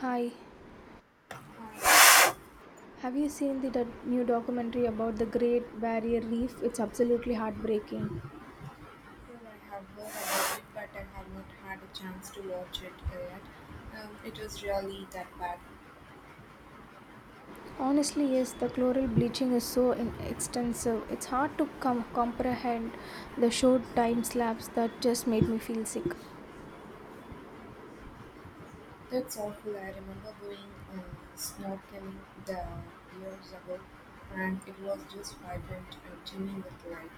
Hi, I have you seen the new documentary about the Great Barrier Reef? It's absolutely heartbreaking. have heard about it, but I have not had a chance to watch it yet. It was really that bad. Honestly, yes, the chloral bleaching is so extensive. It's hard to comprehend the short time slabs that just made me feel sick. That's awful. I remember going um, snorkeling the years ago, and it was just vibrant and teeming with life.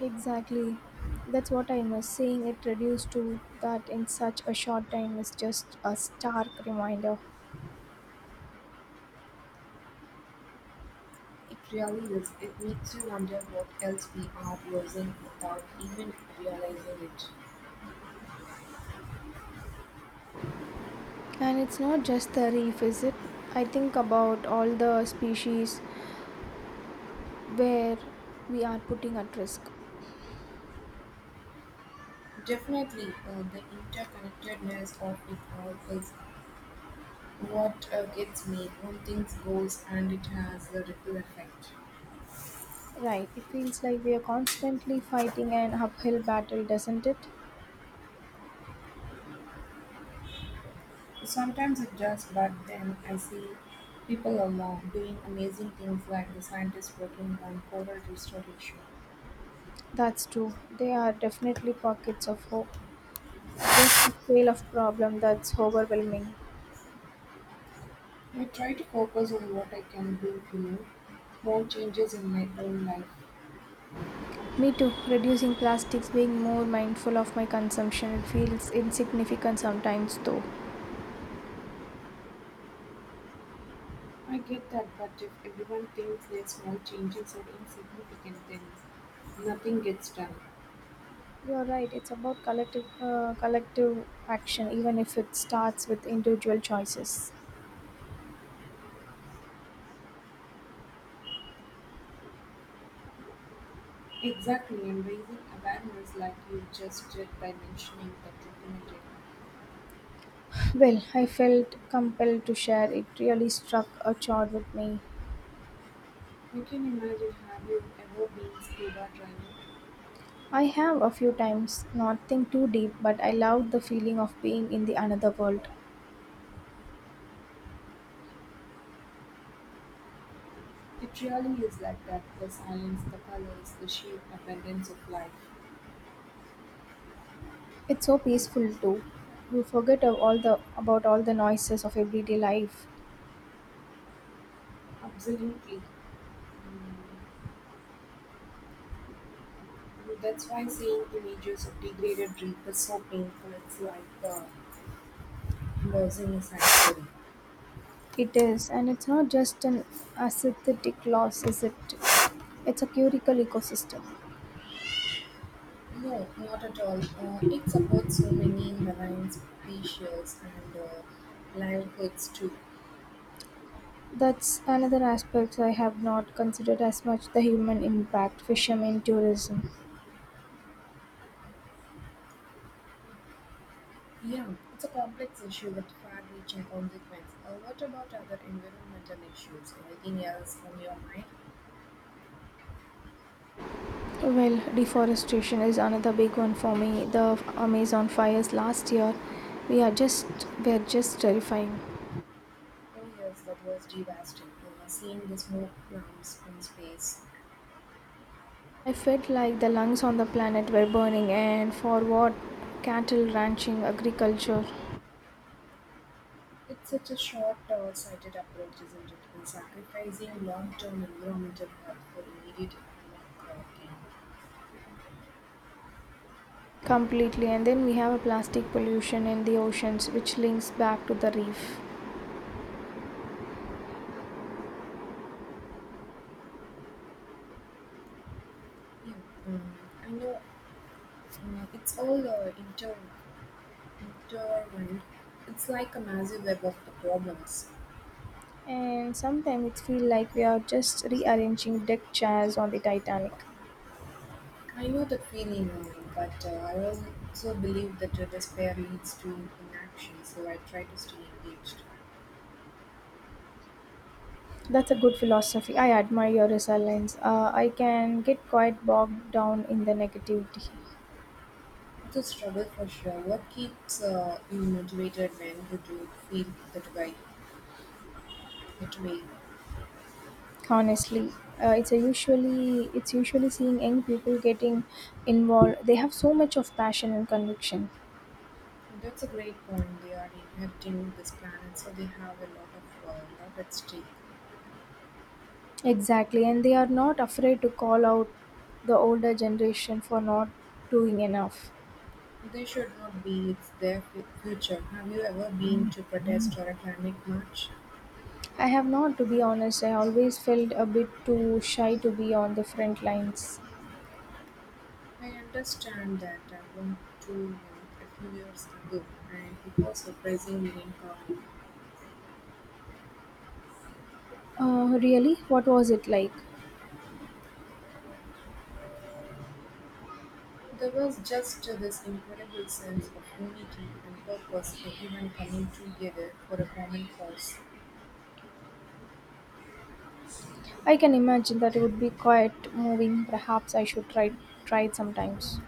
Exactly. That's what I miss. Seeing it reduced to that in such a short time is just a stark reminder. It really is. It makes you wonder what else we are losing without even realizing it. And it's not just the reef, is it? I think about all the species where we are putting at risk. Definitely, the interconnectedness of it all is. What gets me, one thing goes and it has a ripple effect. Right, it feels like we are constantly fighting an uphill battle, doesn't it? Sometimes it does, but then I see people along doing amazing things like the scientists working on coral restoration. That's true. There are definitely pockets of hope. It's just the scale of problem that's overwhelming. I try to focus on what I can do, you know, small changes in my own life. Me too. Reducing plastics, being more mindful of my consumption, it feels insignificant sometimes though. I get that, but if everyone thinks their small changes are insignificant, then nothing gets done. You're right. It's about collective collective action, even if it starts with individual choices. Exactly, and raising awareness like you just did by mentioning that documentary. Well, I felt compelled to share. It really struck a chord with me. You can imagine, have you ever been scuba diving? I have a few times, nothing too deep, but I love the feeling of being in the another world. It really is like that, the silence, the colors, the sheer abundance of life. It's so peaceful too. You forget of all the about all the noises of everyday life. Absolutely. That's why seeing images of degraded reef is so painful. It's like the losing sanctuary. It is, and it's not just an aesthetic loss, is it? It's a curical ecosystem. No, not at all. It supports so many marine species and livelihoods too. That's another aspect I have not considered as much the human impact, fishermen, tourism. Yeah, it's a complex issue with far-reaching consequences. What about other environmental issues? Anything else on your mind? Well, deforestation is another big one for me. The Amazon fires last year, we are just were just terrifying. Oh yes, that was devastating. Seeing the smoke clumps in space. I felt like the lungs on the planet were burning, and for what? Cattle ranching, agriculture, It's such a short-sighted approach, isn't it? And sacrificing long-term environmental health for immediate economic gain. completely. And then we have a plastic pollution in the oceans, which links back to the reef. Yeah, I know. It's all intertwined. It's like a massive web of the problems. And sometimes it feels like we are just rearranging deck chairs on the Titanic. I know that feeling, but I also believe that despair leads to inaction, so I try to stay engaged. That's a good philosophy. I admire your resilience. I can get quite bogged down in the negativity. It's a struggle for sure. What keeps you motivated when you do feel that way? that way? Honestly, it's usually seeing young people getting involved. They have so much of passion and conviction. That's a great point. They are inheriting this planet, so they have a lot of lot at stake. Exactly, and they are not afraid to call out the older generation for not doing enough. They should not be. It's their future. Have you ever been to protest or a climate march? I have not, to be honest. I always felt a bit too shy to be on the front lines. I understand that about two a few years ago, and it was surprisingly empowering. Really, what was it like? There was just this incredible sense of unity and purpose, everyone coming together for a common cause. I can imagine that it would be quite moving. Perhaps I should try it sometimes.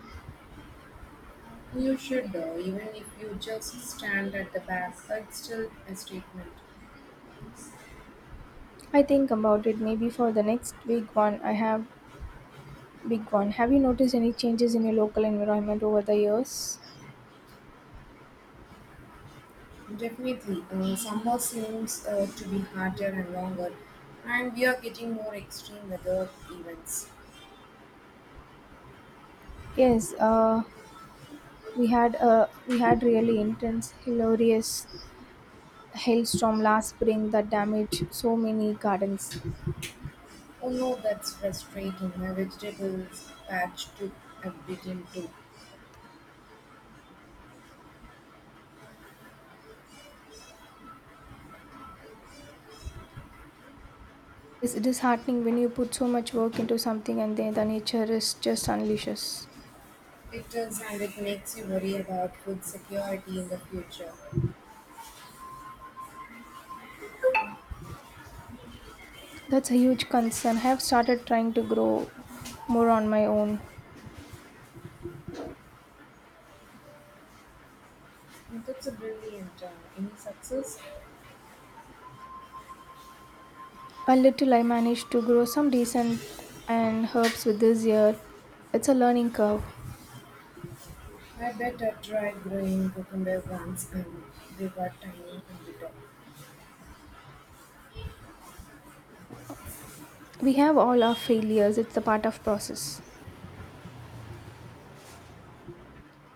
You should, even if you just stand at the back, it's still a statement. I think about it maybe for the next big one. Have you noticed any changes in your local environment over the years? Definitely, summer seems to be harder and longer, and we are getting more extreme weather events. Yes, we had really intense, hilarious hailstorm last spring that damaged so many gardens. Oh no, that's frustrating. My vegetables patch took a bit into. It's disheartening when you put so much work into something and then the nature is just unleashes. It does, and it makes you worry about food security in the future. That's a huge concern. I have started trying to grow more on my own. And that's a brilliant any success. A little I managed to grow some decent and herbs with this year. It's a learning curve. I better try growing cucumber once and they were tiny and bitter. We have all our failures. It's the part of process.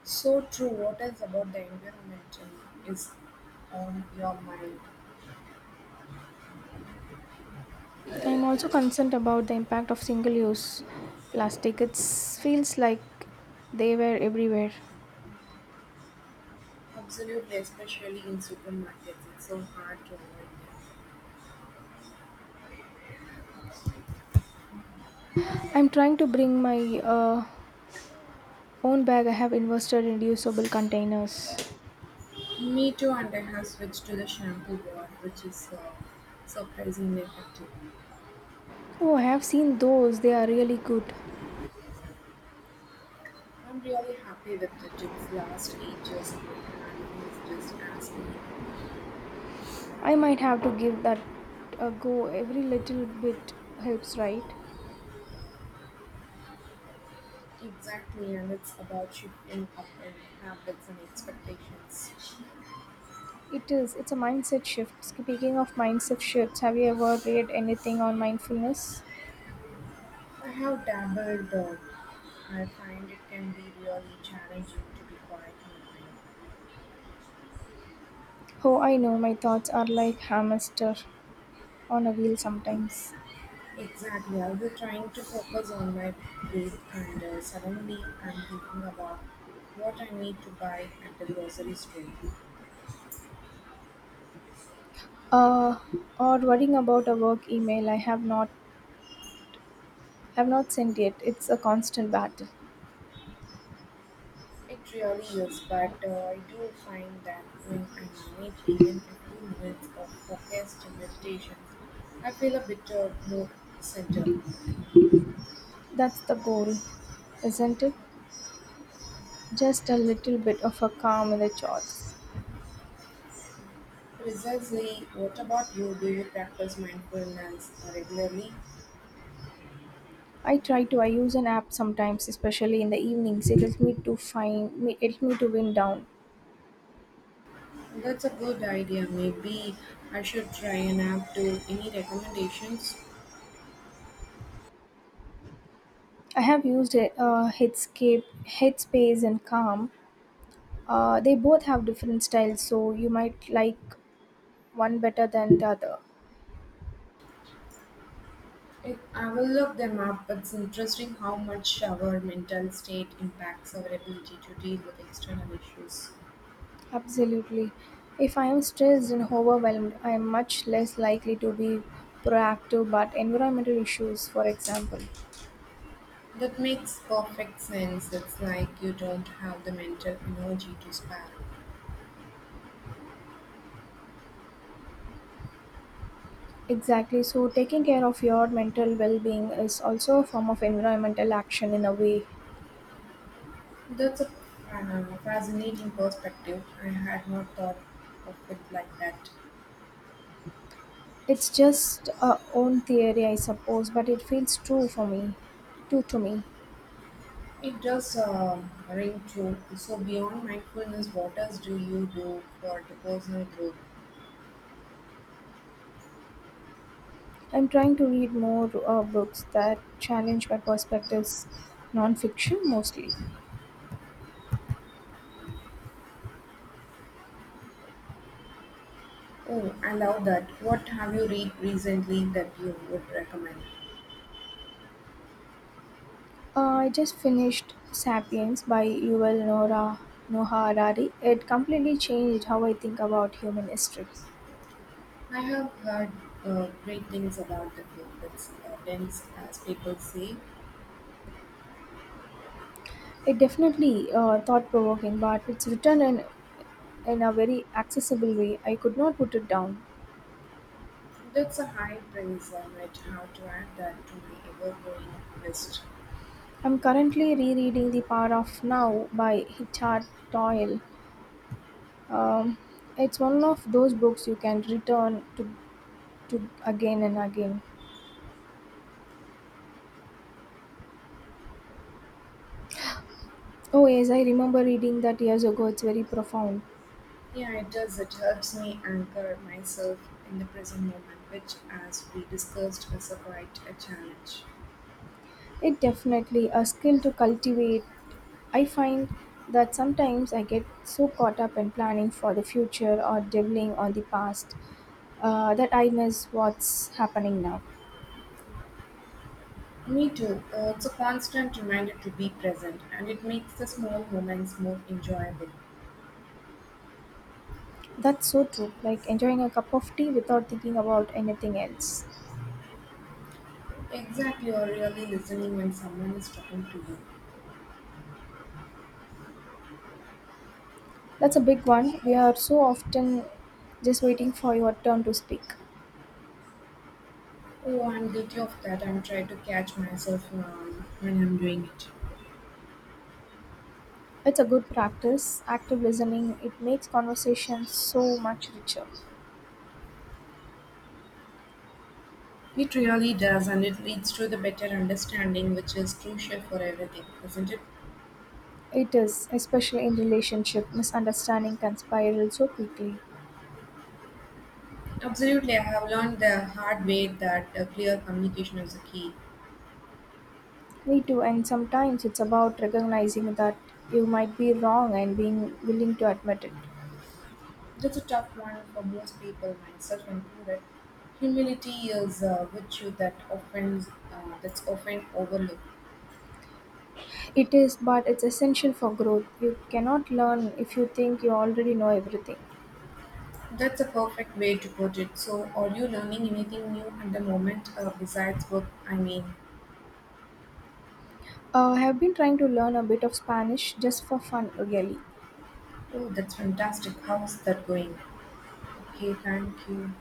So true. What else about the environment is on your mind? I'm also concerned about the impact of single-use plastic. It feels like they were everywhere. Absolutely, especially in supermarkets, it's so hard to avoid. I'm trying to bring my own bag. I have invested in reusable containers. Me too, and I have switched to the shampoo bar, which is surprisingly effective. Oh, I have seen those. They are really good. I'm really happy with it. It's last ages and my hair feels just as new. I might have to give that a go. Every little bit helps, right? Exactly, and it's about shifting up in habits and expectations. It is. It's a mindset shift. Speaking of mindset shifts, have you ever read anything on mindfulness? I have dabbled, I find it can be really challenging to be quiet in mind. Oh, I know my thoughts are like hamster on a wheel sometimes. Exactly. I was trying to focus on my plate, and suddenly I'm thinking about what I need to buy at the grocery store. Uh, or worrying about a work email I have not sent yet. It's a constant battle. It really is, but I do find that when I manage even a few minutes of focused meditation, I feel a bit more centered. That's the goal, isn't it? Just a little bit of a calm in the chores. Precisely, what about you? Do you practice mindfulness regularly? I try to. I use an app sometimes, especially in the evenings. It helps me to It helps me to wind down. That's a good idea. Maybe I should try an app too. Any recommendations? I have used it, Headspace, and Calm. They both have different styles, so you might like one better than the other. It, I will look them up. It's interesting how much our mental state impacts our ability to deal with external issues. Absolutely. If I am stressed and overwhelmed, I am much less likely to be proactive. But environmental issues, for example. That makes perfect sense. It's like you don't have the mental energy to spare. Exactly. So, taking care of your mental well being is also a form of environmental action in a way. That's a fascinating perspective. I had not thought of it like that. It's just a own theory, I suppose, but it feels true true to me. It does ring true. So, beyond mindfulness, what else do you do for the personal growth? I'm trying to read more books that challenge my perspectives, non-fiction mostly. Oh, I love that. What have you read recently that you would recommend? I just finished *Sapiens* by Yuval Noah Harari. It completely changed how I think about human history. I have heard great things about the game. It's dense, as people say. It definitely thought-provoking, but it's written in a very accessible way. I could not put it down. That's a high praise. I might have to add that to my ever-growing list. I'm currently rereading The Power of Now by Richard Doyle. Um, it's one of those books you can return to again and again. Oh, yes, I remember reading that years ago. It's very profound. Yeah, it does. It helps me anchor myself in the present moment, which, as we discussed, is a quite a challenge. It definitely a skill to cultivate. I find that sometimes I get so caught up in planning for the future or dwelling on the past that I miss what's happening now. Me too. It's a constant reminder to be present, and it makes the small moments more enjoyable. That's so true, like enjoying a cup of tea without thinking about anything else. Exactly, you're really listening when someone is talking to you. That's a big one. We are so often just waiting for your turn to speak. Oh, I'm guilty of that. I'm trying to catch myself when I'm doing it. It's a good practice. Active listening, it makes conversations so much richer. It really does, and it leads to the better understanding, which is crucial for everything, isn't it? It is, especially in relationship, misunderstanding can spiral so quickly. Absolutely. I have learned the hard way that clear communication is the key. Me too, and sometimes it's about recognizing that you might be wrong and being willing to admit it. That's a tough one for most people, myself included. Humility is a virtue that often overlooked. It is, but it's essential for growth. You cannot learn if you think you already know everything. That's a perfect way to put it. So, are you learning anything new at the moment besides work? I mean. I have been trying to learn a bit of Spanish just for fun, really. Oh, that's fantastic. How's that going? Okay, thank you.